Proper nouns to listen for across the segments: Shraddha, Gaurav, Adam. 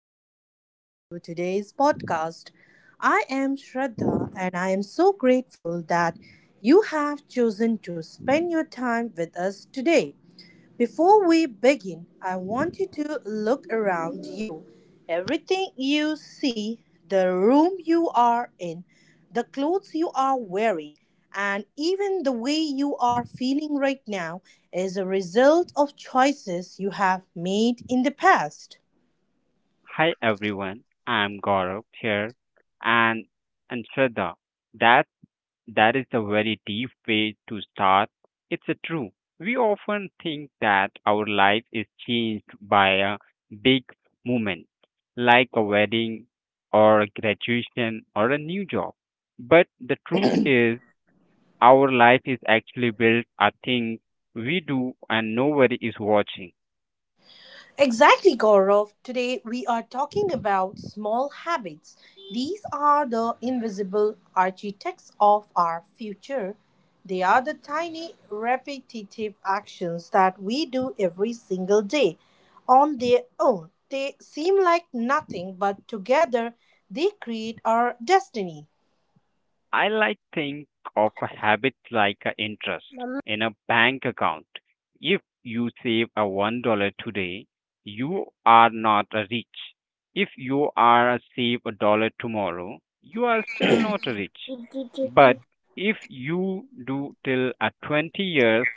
Warm welcome to today's podcast. I am Shraddha, and I am so grateful that you have chosen to spend your time with us today. Before we begin, I want you to look around you. Everything you see, the room you are in, the clothes you are wearing, and even the way you are feeling right now is a result of choices you have made in the past. Hi everyone, I'm Gaurav here, and and Shraddha. That that is a very deep way to start. It's a true. We often think that our life is changed by a big moment, like a wedding, or a graduation, or a new job. But the truth is, our life is actually built on things we do, and nobody is watching. Exactly, Gaurav. Today we are talking about small habits. These are the invisible architects of our future. They are the tiny, repetitive actions that we do every single day on their own. They seem like nothing, but together they create our destiny. I like think of a habit like an interest in a bank account. If you save a $1 today, you are not a rich. If you are a save a dollar tomorrow, you are still not a rich. But if you do till a 20 years,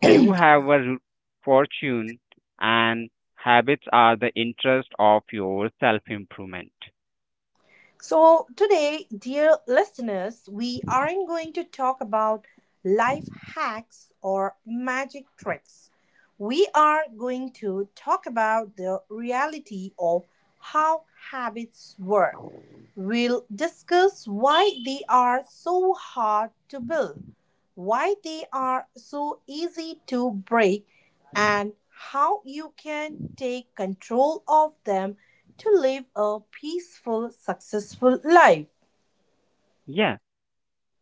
you have a fortune, and habits are the interest of your self improvement. So, today, dear listeners, we aren't going to talk about life hacks or magic tricks. We are going to talk about the reality of how habits work. We'll discuss why they are so hard to build, why they are so easy to break, and how you can take control of them to live a peaceful, successful life. Yeah.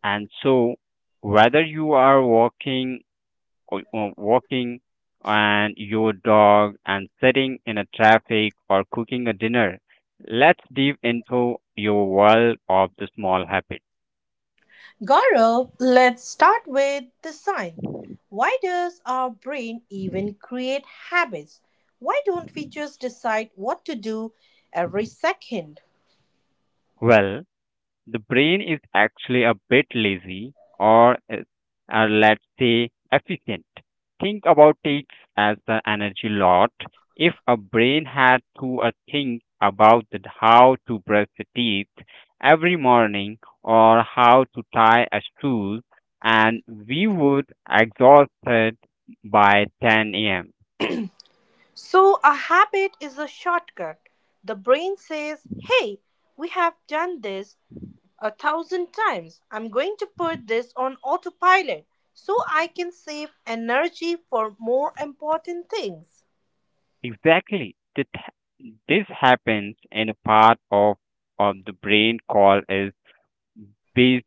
And so, whether you are walking, or walking, and your dog, and sitting in a traffic or cooking a dinner, let's dive into your world of the small habit. Gaurav, let's start with the sign. Why does our brain even create habits? Why don't we just decide what to do every second? Well, the brain is actually a bit lazy or let's say efficient. Think about it as the energy lot. If a brain had to think about the, how to brush the teeth every morning or how to tie a shoe, and we would exhausted by 10 a.m. So, a habit is a shortcut. The brain says, hey, we have done this a thousand times. I'm going to put this on autopilot so I can save energy for more important things. Exactly. This happens in a part of the brain called is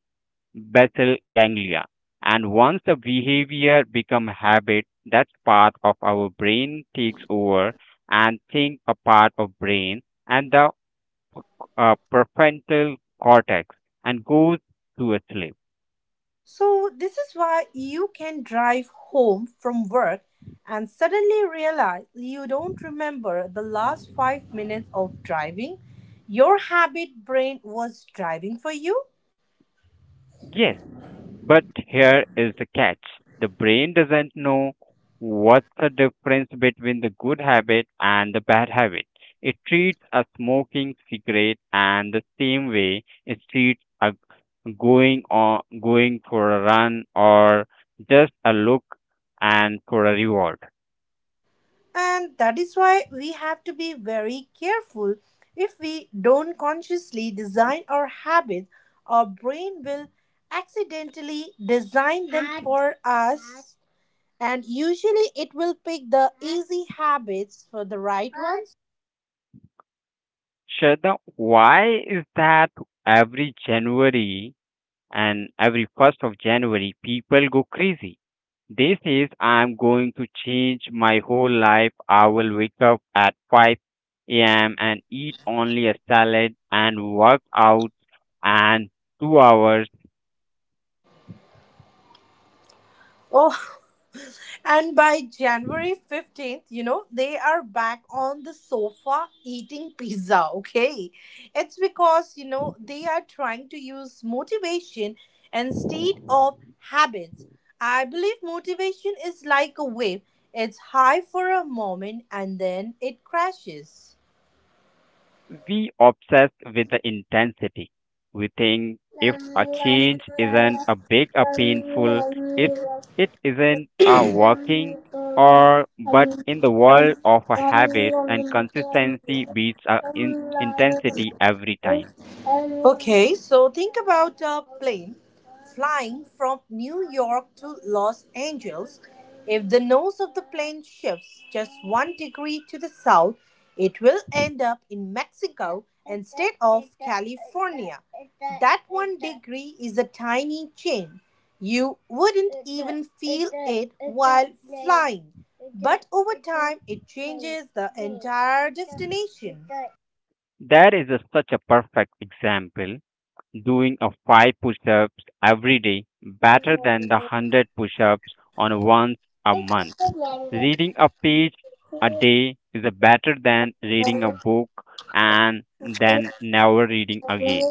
basal ganglia. And once the behavior become habit, that part of our brain takes over and think a part of brain and the prefrontal cortex and goes to a sleep. So, this is why you can drive home from work and suddenly realize you don't remember the last 5 minutes of driving. Your habit brain was driving for you. Yes, but here is the catch the brain doesn't know what's the difference between the good habit and the bad habit. It treats a smoking cigarette and the same way it treats a going on going for a run or just a look and for a reward. And that is why we have to be very careful. If we don't consciously design our habits, our brain will accidentally design them for us. And usually it will pick the easy habits for the right ones. Shraddha, why is that every January and every first of January people go crazy. They says I'm going to change my whole life. I will wake up at 5 a.m. and eat only a salad and work out and 2 hours. Oh, and by January 15th, you know, they are back on the sofa eating pizza, okay? It's because, you know, they are trying to use motivation instead of habits. I believe motivation is like a wave, it's high for a moment and then it crashes. We obsess with the intensity. We think if a change isn't a big or painful, if it isn't a working or but in the world of a habit and consistency beats a Thank in intensity every time. okay, so think about a plane flying from New York to Los Angeles. If the nose of the plane shifts just one degree to the south, it will end up in Mexico instead of California. That one degree is a tiny change. You wouldn't even feel it while flying, but over time it changes the entire destination. That is a, such a perfect example doing a five push-ups every day better than the 100 push-ups on once a month. Uh, Reading a page a day is a better than reading a book and then never reading again.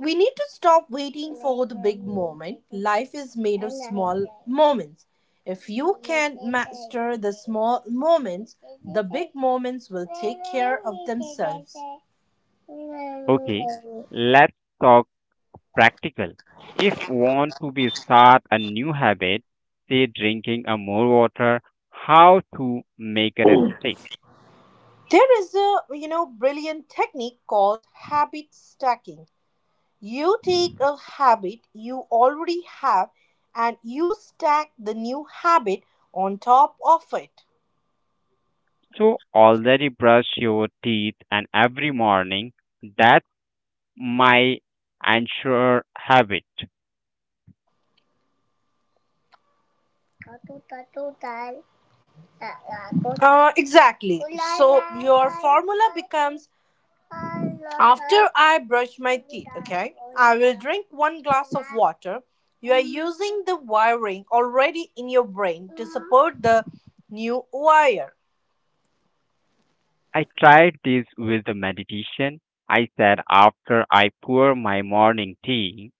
we need to stop waiting for the big moment. Life is made of small moments. If you can master the small moments, the big moments will take care of themselves. Okay, let's talk practical. If you want to be start a new habit, say drinking a more water, how to make it a stick. There is a, you know, brilliant technique called habit stacking. You take a habit you already have and you stack the new habit on top of it. So already brush your teeth and every morning that my anchor habit. Exactly. So your formula becomes, after I brush my teeth, okay, I will drink one glass of water. You are using the wiring already in your brain to support the new wire. I tried this with the meditation. I said after I pour my morning tea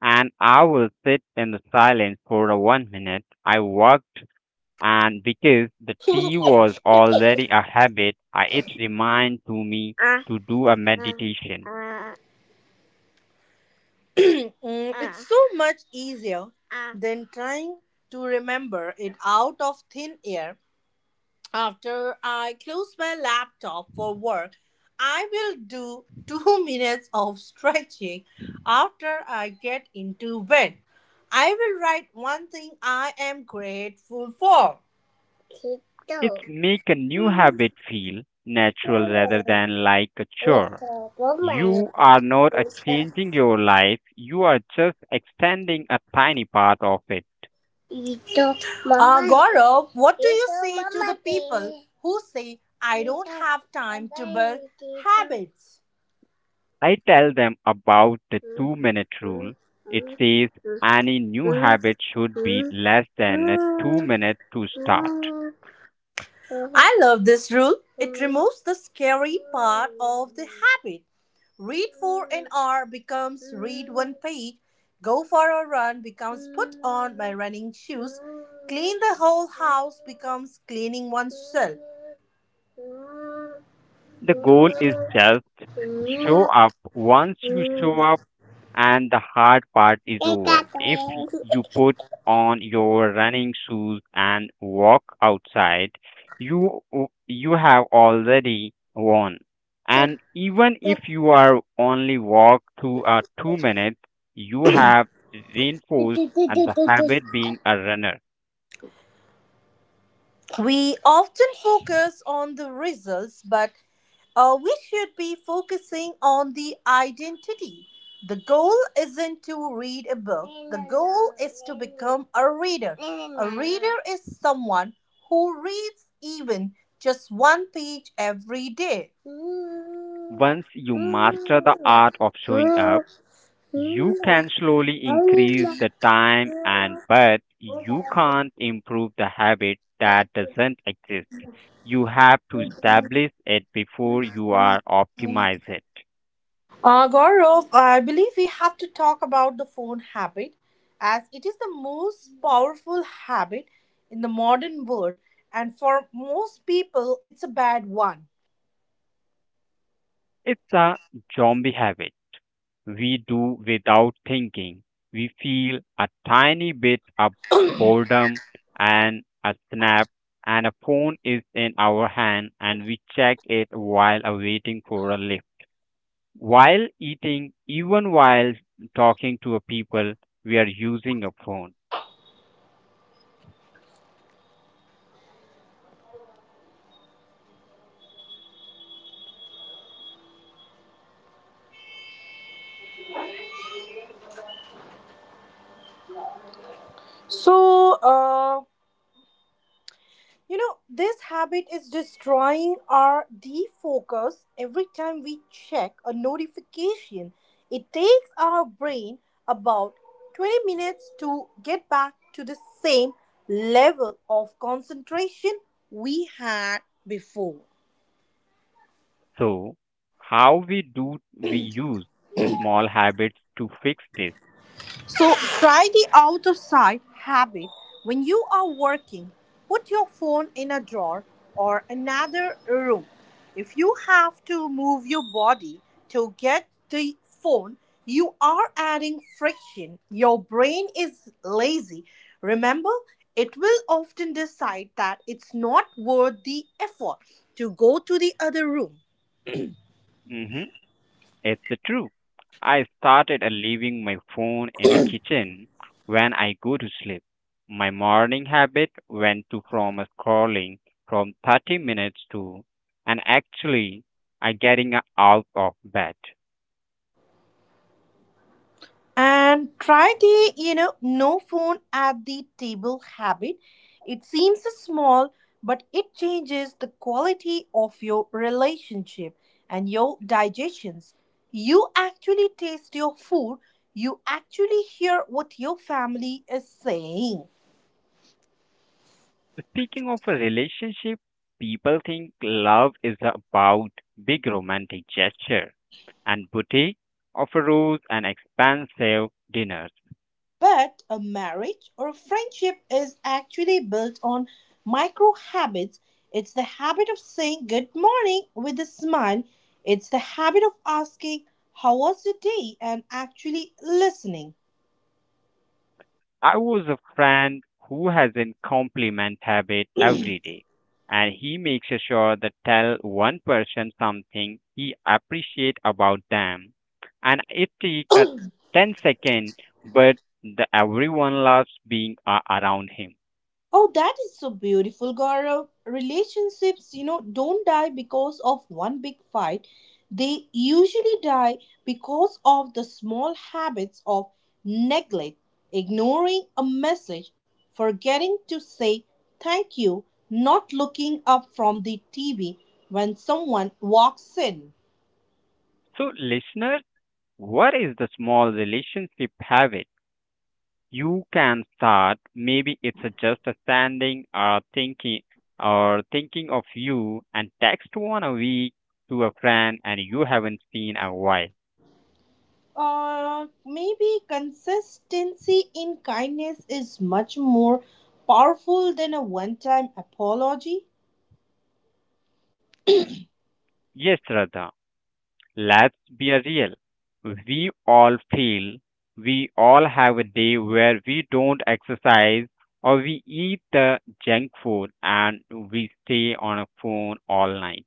and I will sit in the silence for a 1 minute. I walked and because the tea was already a habit, I, it reminded to me to do a meditation. Mm, it's so much easier ah. than trying to remember it out of thin air. After I close my laptop for work, I will do two minutes of stretching. After I get into bed, I will write one thing I am grateful for. It's make a new habit feel natural rather than like a chore. You are not changing your life, you are just extending a tiny part of it. Gaurav, what do you say to the people who say, I don't have time to build habits? I tell them about the 2 minute rule. It says any new habit should be less than 2 minutes to start. I love this rule. It removes the scary part of the habit. Read for an hour becomes read one page. Go for a run becomes put on my running shoes. Clean the whole house becomes cleaning oneself. We The goal is just show up. Once you show up, and the hard part is over. If you put on your running shoes and walk outside, you you have already won. And even if you are only walk to 2 minutes, you have reinforced and the habit being a runner. often focus on the results, but we should be focusing on the identity. The goal isn't to read a book, the goal is to become a reader. A reader is someone who reads even just one page every day. Once you master the art of showing up, you can slowly increase the time and but you can't improve the habit that doesn't exist. You have to establish it before you are optimize it. Gaurav, I believe we have to talk about the phone habit as it is the most powerful habit in the modern world, and for most people, it's a bad one. It's a zombie habit we do without thinking. We feel a tiny bit of boredom and a snap and a phone is in our hand and we check it while awaiting for a lift while eating, even while talking to a people, we are using a phone. So, uh, You know, this habit is destroying our defocus every time we check a notification. It takes our brain about 20 minutes to get back to the same level of concentration we had before. So, how we do we use the small habits to fix this? So try the out of sight habit. When you are working, put your phone in a drawer or another room. If you have to move your body to get the phone, you are adding friction. Your brain is lazy. Remember, it will often decide that it's not worth the effort to go to the other room. Hmm. It's the true. I started leaving my phone in the kitchen when I go to sleep. My morning habit went to from a scrolling from 30 minutes to and actually I getting out of bed. And try the, you know, no phone at the table habit. It seems small, but it changes the quality of your relationship and your digestions. You actually taste your food, you actually hear what your family is saying. Speaking of a relationship, people think love is about big romantic gesture and boutique offers and expensive dinners. But a marriage or a friendship is actually built on micro habits. It's the habit of saying good morning with a smile, it's the habit of asking, how was the day, and actually listening. I was a friend who has a compliment habit every day, and he makes sure that tell one person something he appreciate about them, and it takes a 10 second, but the everyone loves being a around him. Oh, that is so beautiful, Gaurav. Relationships, you know, don't die because of one big fight. They usually die because of the small habits of neglect, ignoring a message, forgetting to say thank you, not looking up from the TV when someone walks in. So listener, what is the small relationship habit you can start? Maybe it's a just a standing or thinking of you and text one a week to a friend and you haven't seen a while. Maybe consistency in kindness is much more powerful than a one time apology. Yes, Radha, let's be real. We all feel we all have a day where we don't exercise or we eat the junk food and we stay on a phone all night.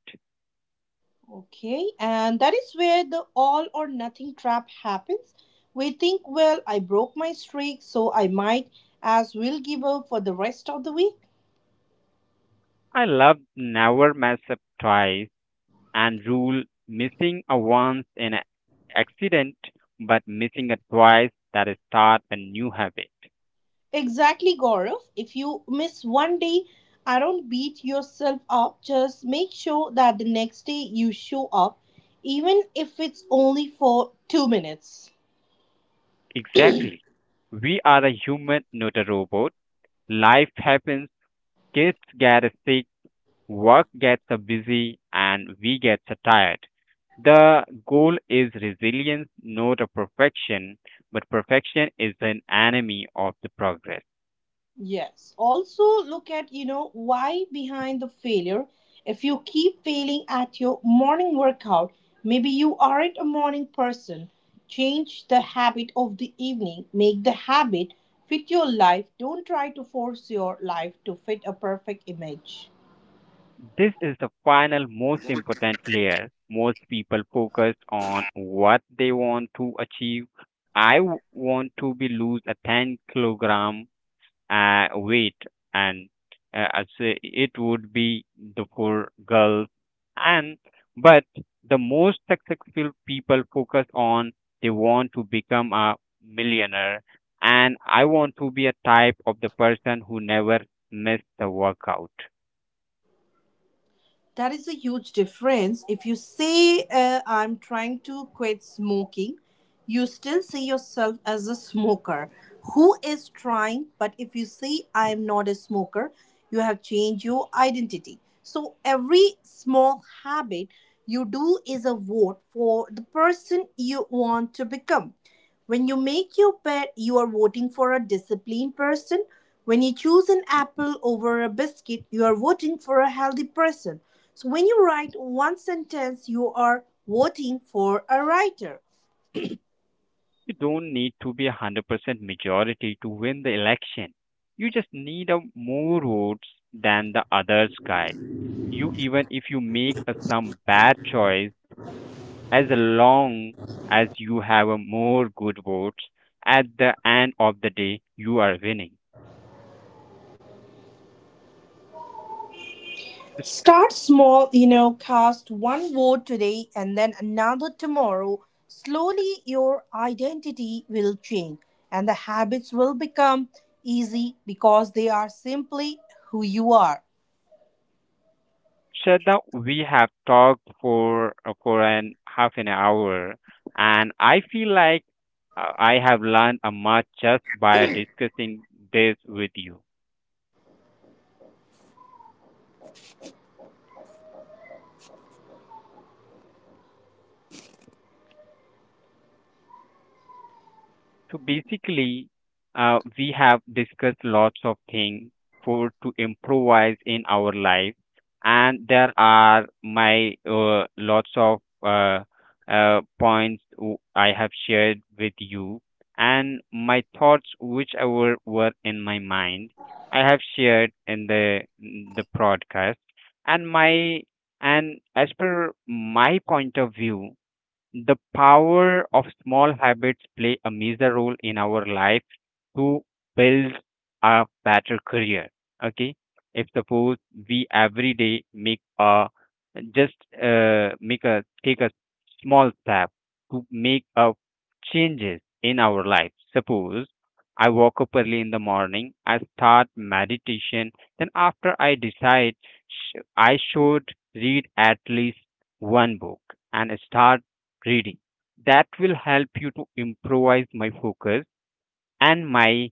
Okay, and that is where the all or nothing trap happens. We think, well, I broke my streak, so I might as well give up for the rest of the week. I love never mess up twice and rule missing a once in an accident but missing a twice that is start a new habit. Exactly, Gaurav. If you miss one day, I don't beat yourself up. Just make sure that the next day you show up, even if it's only for 2 minutes. Exactly. We are a human, not a robot. Life happens, kids get sick, work gets busy, and we get tired. The goal is resilience, not a perfection, but perfection is an enemy of the progress. Yes. Also, look at, you know, why behind the failure. If you keep failing at your morning workout, maybe you aren't a morning person. Change the habit of the evening. Make the habit fit your life. Don't try to force your life to fit a perfect image. This is the final, most important layer. Most people focus on what they want to achieve. I want to be lose a 10 kilogram weight, and I say it would be the for girls. And but the most successful people focus on they want to become a millionaire, and I want to be a type of the person who never miss the workout. That is a huge difference. If you say, I'm trying to quit smoking, you still see yourself as a smoker who is trying. But if you say, I am not a smoker, you have changed your identity. So every small habit you do is a vote for the person you want to become. When you make your bed, you are voting for a disciplined person. When you choose an apple over a biscuit, you are voting for a healthy person. So when you write one sentence, you are voting for a writer. You don't need to be a 100% majority to win the election. You just need a more votes than the others guys. You even if you make a, some bad choice, as long as you have a more good votes, at the end of the day, you are winning. S- Start small, you know, cast one vote today and then another tomorrow. Slowly, your identity will change and the habits will become easy because they are simply who you are. Shraddha, we have talked for an half an hour, and I feel like I have learned a much just by discussing this with you. So basically, we have discussed lots of things for to improvise in our life, and there are my lots of points I have shared with you, and my thoughts whichever were in my mind, I have shared in the broadcast, and my and as per my point of view, the power of small habits play a major role in our life to build a better career. Okay, if suppose we every day make a just make a take a small step to make a changes in our life. Suppose I woke up early in the morning, I start meditation, then after I decide I should read at least one book and start reading. That will help you to improvise my focus and my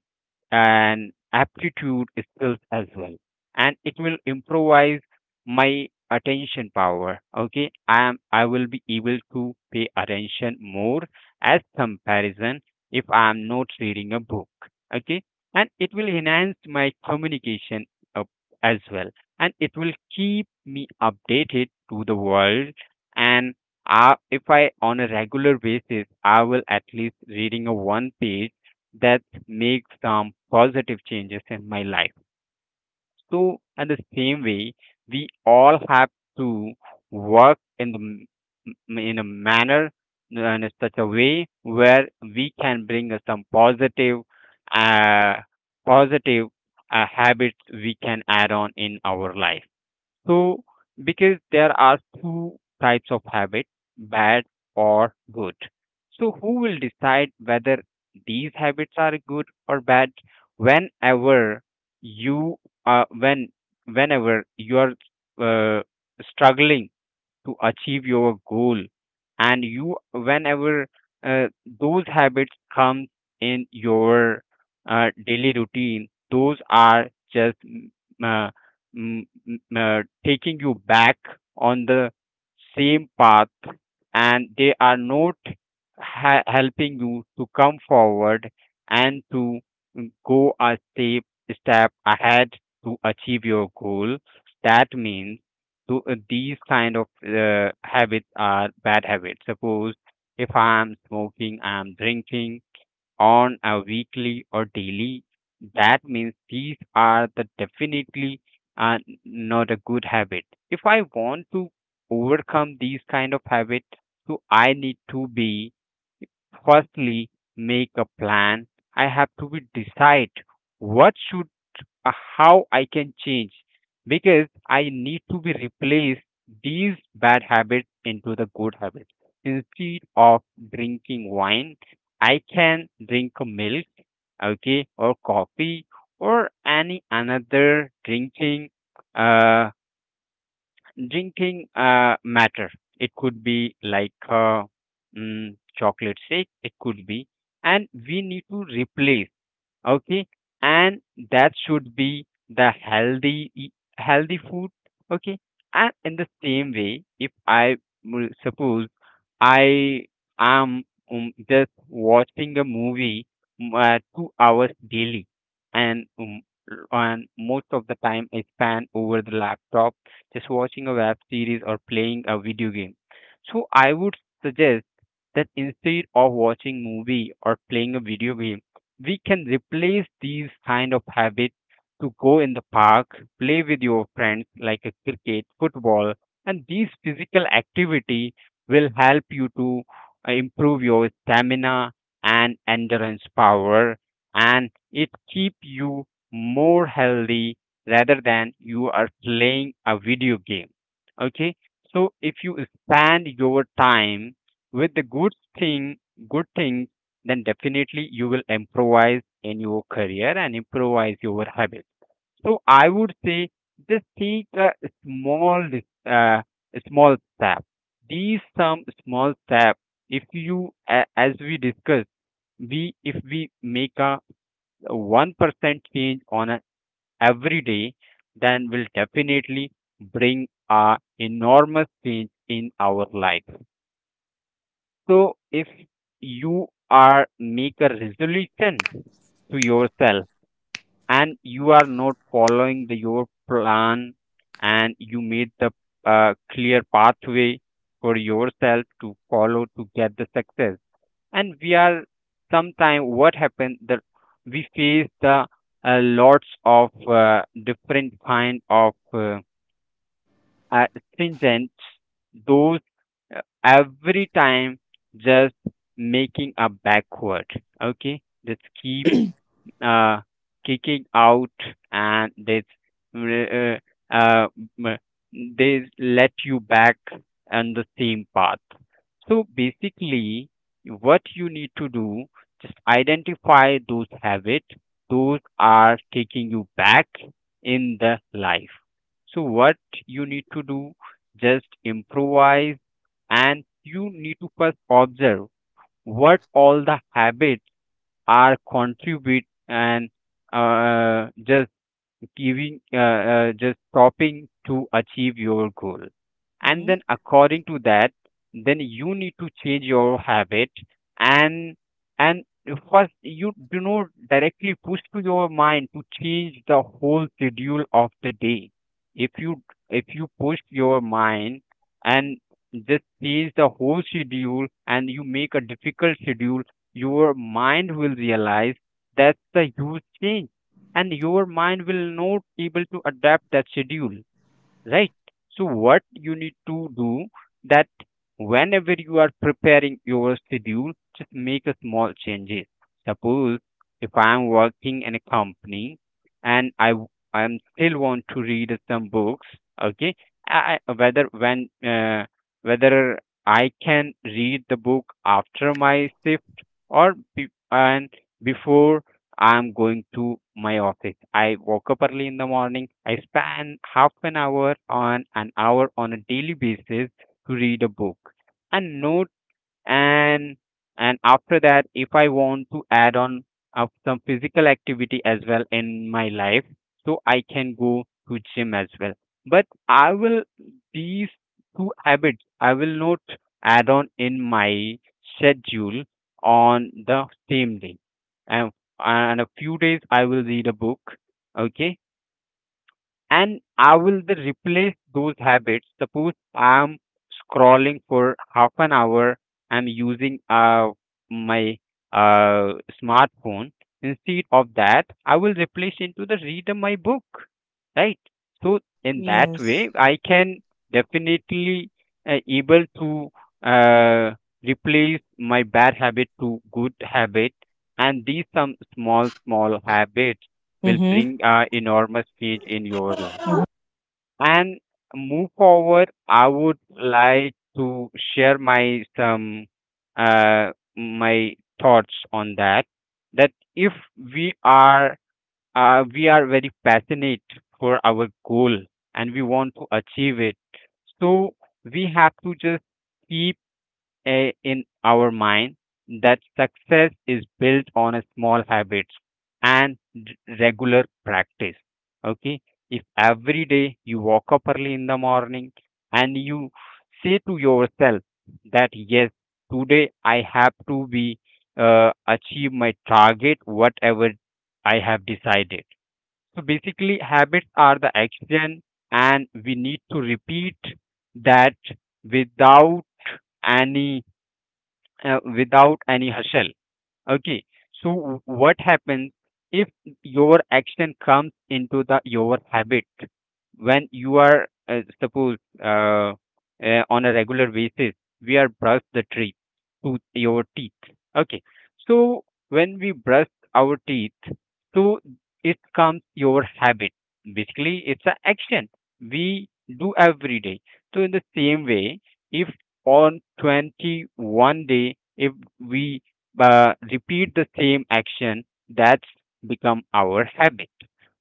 and aptitude skills as well and it will improvise my attention power. Okay, I am I will be able to pay attention more as comparison if I am not reading a book. Okay, and it will enhance my communication up as well and it will keep me updated to the world and I, if I on a regular basis I will at least reading a one page that make some positive changes in my life. So, in the same way, we all have to work in in a manner and in such a way where we can bring us some positive, uh, positive habits we can add on in our life. So, because there are two types of habit, bad or good. So, who will decide whether these habits are good or bad? Whenever you are, when, whenever you are struggling to achieve your goal and you whenever uh, those habits come in your daily routine those are just uh, taking you back on the same path and they are not helping you to come forward and to go a step ahead to achieve your goal that means these kind of habits are bad habits. Suppose if I'm smoking, I'm drinking on a weekly or daily, that means these are the definitely uh, not a good habit. If I want to overcome these kind of habits, so I need to be firstly make a plan. I have to be decide what should uh, how I can change because I need to be replace these bad habits into the good habits. Instead of drinking wine, I can drink a milk, okay, or coffee or any another drinking uh matter. It could be like chocolate shake, it could be, and we need to replace, okay, and that should be the healthy food, okay. And in the same way, if I will suppose I am just watching a movie, 2 hours daily, and um, and most of the time I spend over the laptop, just watching a web series or playing a video game. So I would suggest that instead of watching movie or playing a video game, we can replace these kind of habits to go in the park, play with your friends like a cricket, football, and these physical activity will help you to improve your stamina and endurance power, and it keep you more healthy rather than you are playing a video game. Okay, so if you spend your time with the good thing, good things, then definitely you will improvise in your career and improvise your habits. So I would say just take a small uh, small step. These some small step. If you, as we discussed, we if we make a 1% change on a every day, then will definitely bring a enormous change in our life. So if you are make a resolution to yourself and you are not following the, your plan, and you made the clear pathway for yourself to follow to get the success. And we are sometime what happened that we face the lots of different kind of uh, stringent those, every time just making a backward, okay, just keep uh, kicking out. And this mm, uh, uh, mm, they let you back on the same path. So basically, what you need to do, just identify those habits, those are taking you back in the life. So what you need to do, just improvise. And you need to first observe what all the habits are contribute and just giving just stopping to achieve your goal. Mhm. And then according to that, then you need to change your habit. And and first, you do not directly push to your mind to change the whole schedule of the day. If you if you push your mind and just change the whole schedule, and you make a difficult schedule, your mind will realize that's a huge change, and your mind will not able to adapt that schedule, right? So what you need to do, that whenever you are preparing your schedule, just make a small changes. Suppose if I am working in a company, and I am still want to read some books, okay. Whether when uh, whether I can read the book after my shift, or be, and before I'm going to my office. I woke up early in the morning. I spend half an hour on a daily basis to read a book. And no, and and after that if I want to add on of some physical activity as well in my life, so I can go to gym as well. But I will, these two habits I will not add on in my schedule on the same day. And and a few days I will read a book, okay. And I will the replace those habits. Suppose I'm scrolling for half an hour, I'm using my uh, smartphone. Instead of that, I will replace into the read my book, right? So in that Yes. way, I can definitely able to uh, replace my bad habit to good habit, and these some small small habits will Mm-hmm. bring enormous change in your life. And move forward, I would like to share my some uh, my thoughts on that. That if we are we are very passionate for our goal and we want to achieve it, so we have to just keep a in our mind that success is built on a small habits and regular practice. Okay, if every day you walk up early in the morning, and you say to yourself that yes, today I have to be achieve my target, whatever I have decided. So basically, habits are the action, and we need to repeat that without any without any hustle. Okay. So what happens if your action comes into the your habit? When you are suppose on a regular basis, we are brush the teeth to your teeth. Okay. So when we brush our teeth, so it comes your habit. Basically, it's an action we do every day. So in the same way, if on 21-day if we repeat the same action, that's become our habit.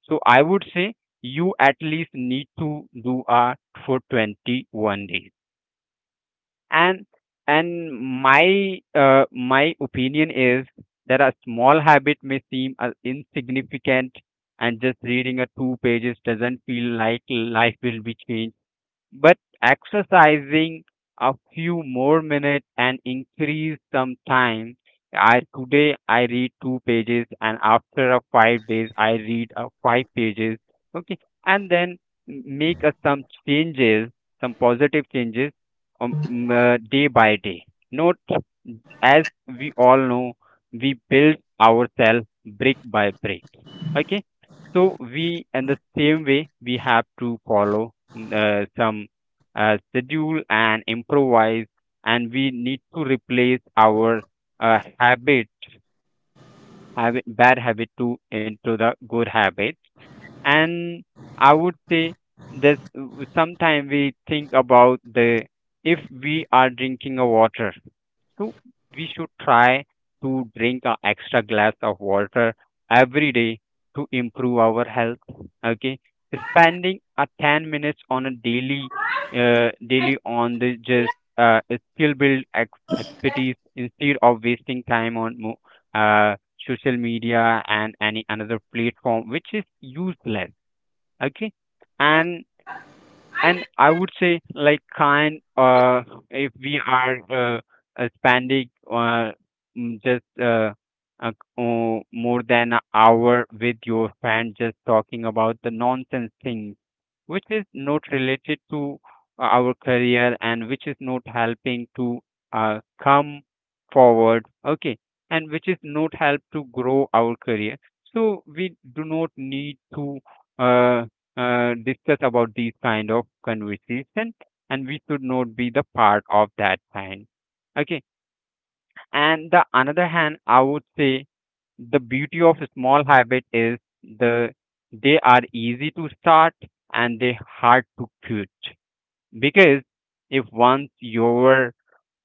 So I would say you at least need to do art for 21 days. And and my my opinion is that a small habit may seem as insignificant, and just reading a two pages doesn't feel like life will be changed, but exercising a few more minutes and increase some time. I today I read two pages and after a 5 days I read a 5 pages, okay. And then make a, some changes, some positive changes, day by day, not, as we all know, we build ourselves brick by brick. Okay, so we in the same way we have to follow some schedule and improvise, and we need to replace our habit, bad habit to into the good habit. And I would say that sometimes we think about the, if we are drinking a water, so we should try to drink an extra glass of water every day to improve our health. Okay, spending a 10 minutes on a daily, daily on the just uh, skill build expertise instead of wasting time on uh, social media and any another platform which is useless. Okay, and and I would say, like, kind, if we are spending just uh, oh, more than an hour with your friend, just talking about the nonsense things, which is not related to our career and which is not helping to come forward, okay, and which is not help to grow our career. So we do not need to. Uh, discuss about these kind of conversation, and we should not be the part of that kind, okay. And the another hand, I would say the beauty of small habit is the they are easy to start and they hard to quit. Because if once your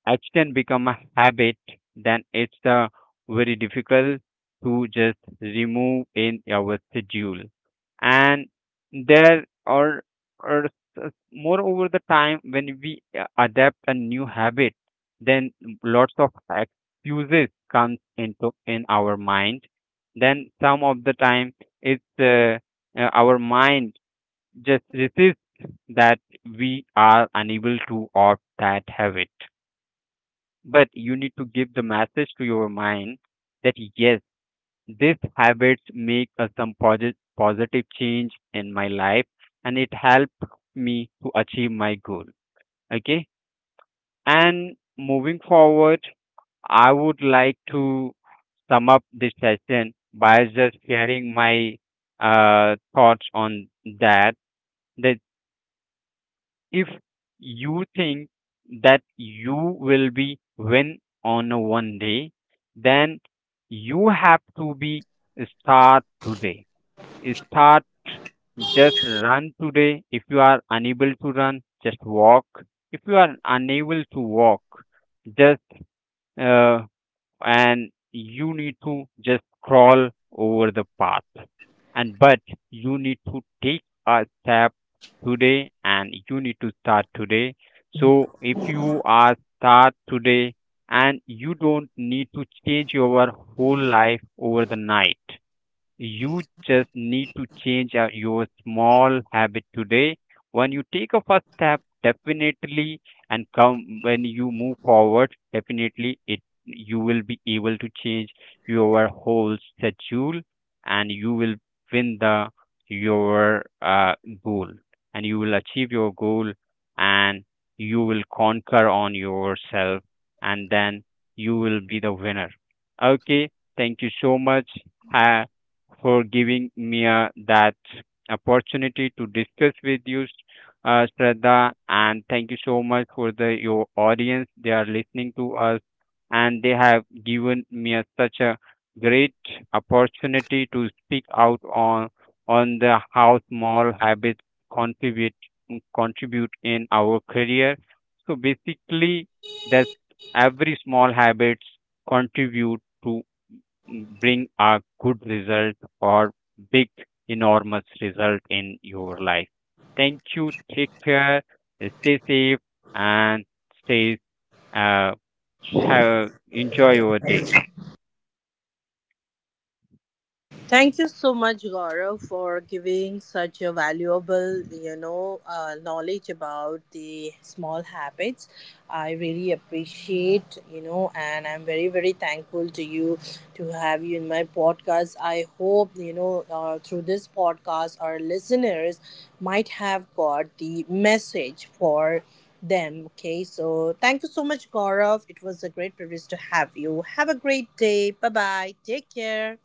action become a habit, then it's very difficult to just remove in our schedule. And there are s- moreover the time when we adapt a new habit, then lots of excuses comes into in our mind. Then some of the time it's our mind just resists that we are unable to opt that habit. But you need to give the message to your mind that yes, these habits make a, some positive change in my life, and it helped me to achieve my goal, okay. And moving forward, I would like to sum up this session by just sharing my thoughts on that, that if you think that you will be win on a one day, then you have to be start today. Start just run today. If you are unable to run, just walk. If you are unable to walk, just uh, and you need to just crawl over the path. And but you need to take a step today and you need to start today. So if you are start today, and you don't need to change your whole life over the night, you just need to change your small habit today. When you take a first step, definitely, and come when you move forward, definitely it, you will be able to change your whole schedule, and you will win the your goal, and you will achieve your goal, and you will conquer on yourself, and then you will be the winner. Okay, thank you so much. Have for giving me that opportunity to discuss with you, Shraddha. And thank you so much for the your audience. They are listening to us, and they have given me a, such a great opportunity to speak out on the how small habits contribute contribute in our career. So basically, that every small habits contribute to bring a good result or big enormous result in your life. Thank you, take care, stay safe, and stay uh have enjoy your day. Thank you so much, Gaurav, for giving such a valuable, you know, knowledge about the small habits. I really appreciate, you know, and I'm very, very thankful to you to have you in my podcast. I hope, you know, through this podcast, our listeners might have got the message for them. Okay, so thank you so much, Gaurav. It was a great privilege to have you. Have a great day. Bye bye. Take care.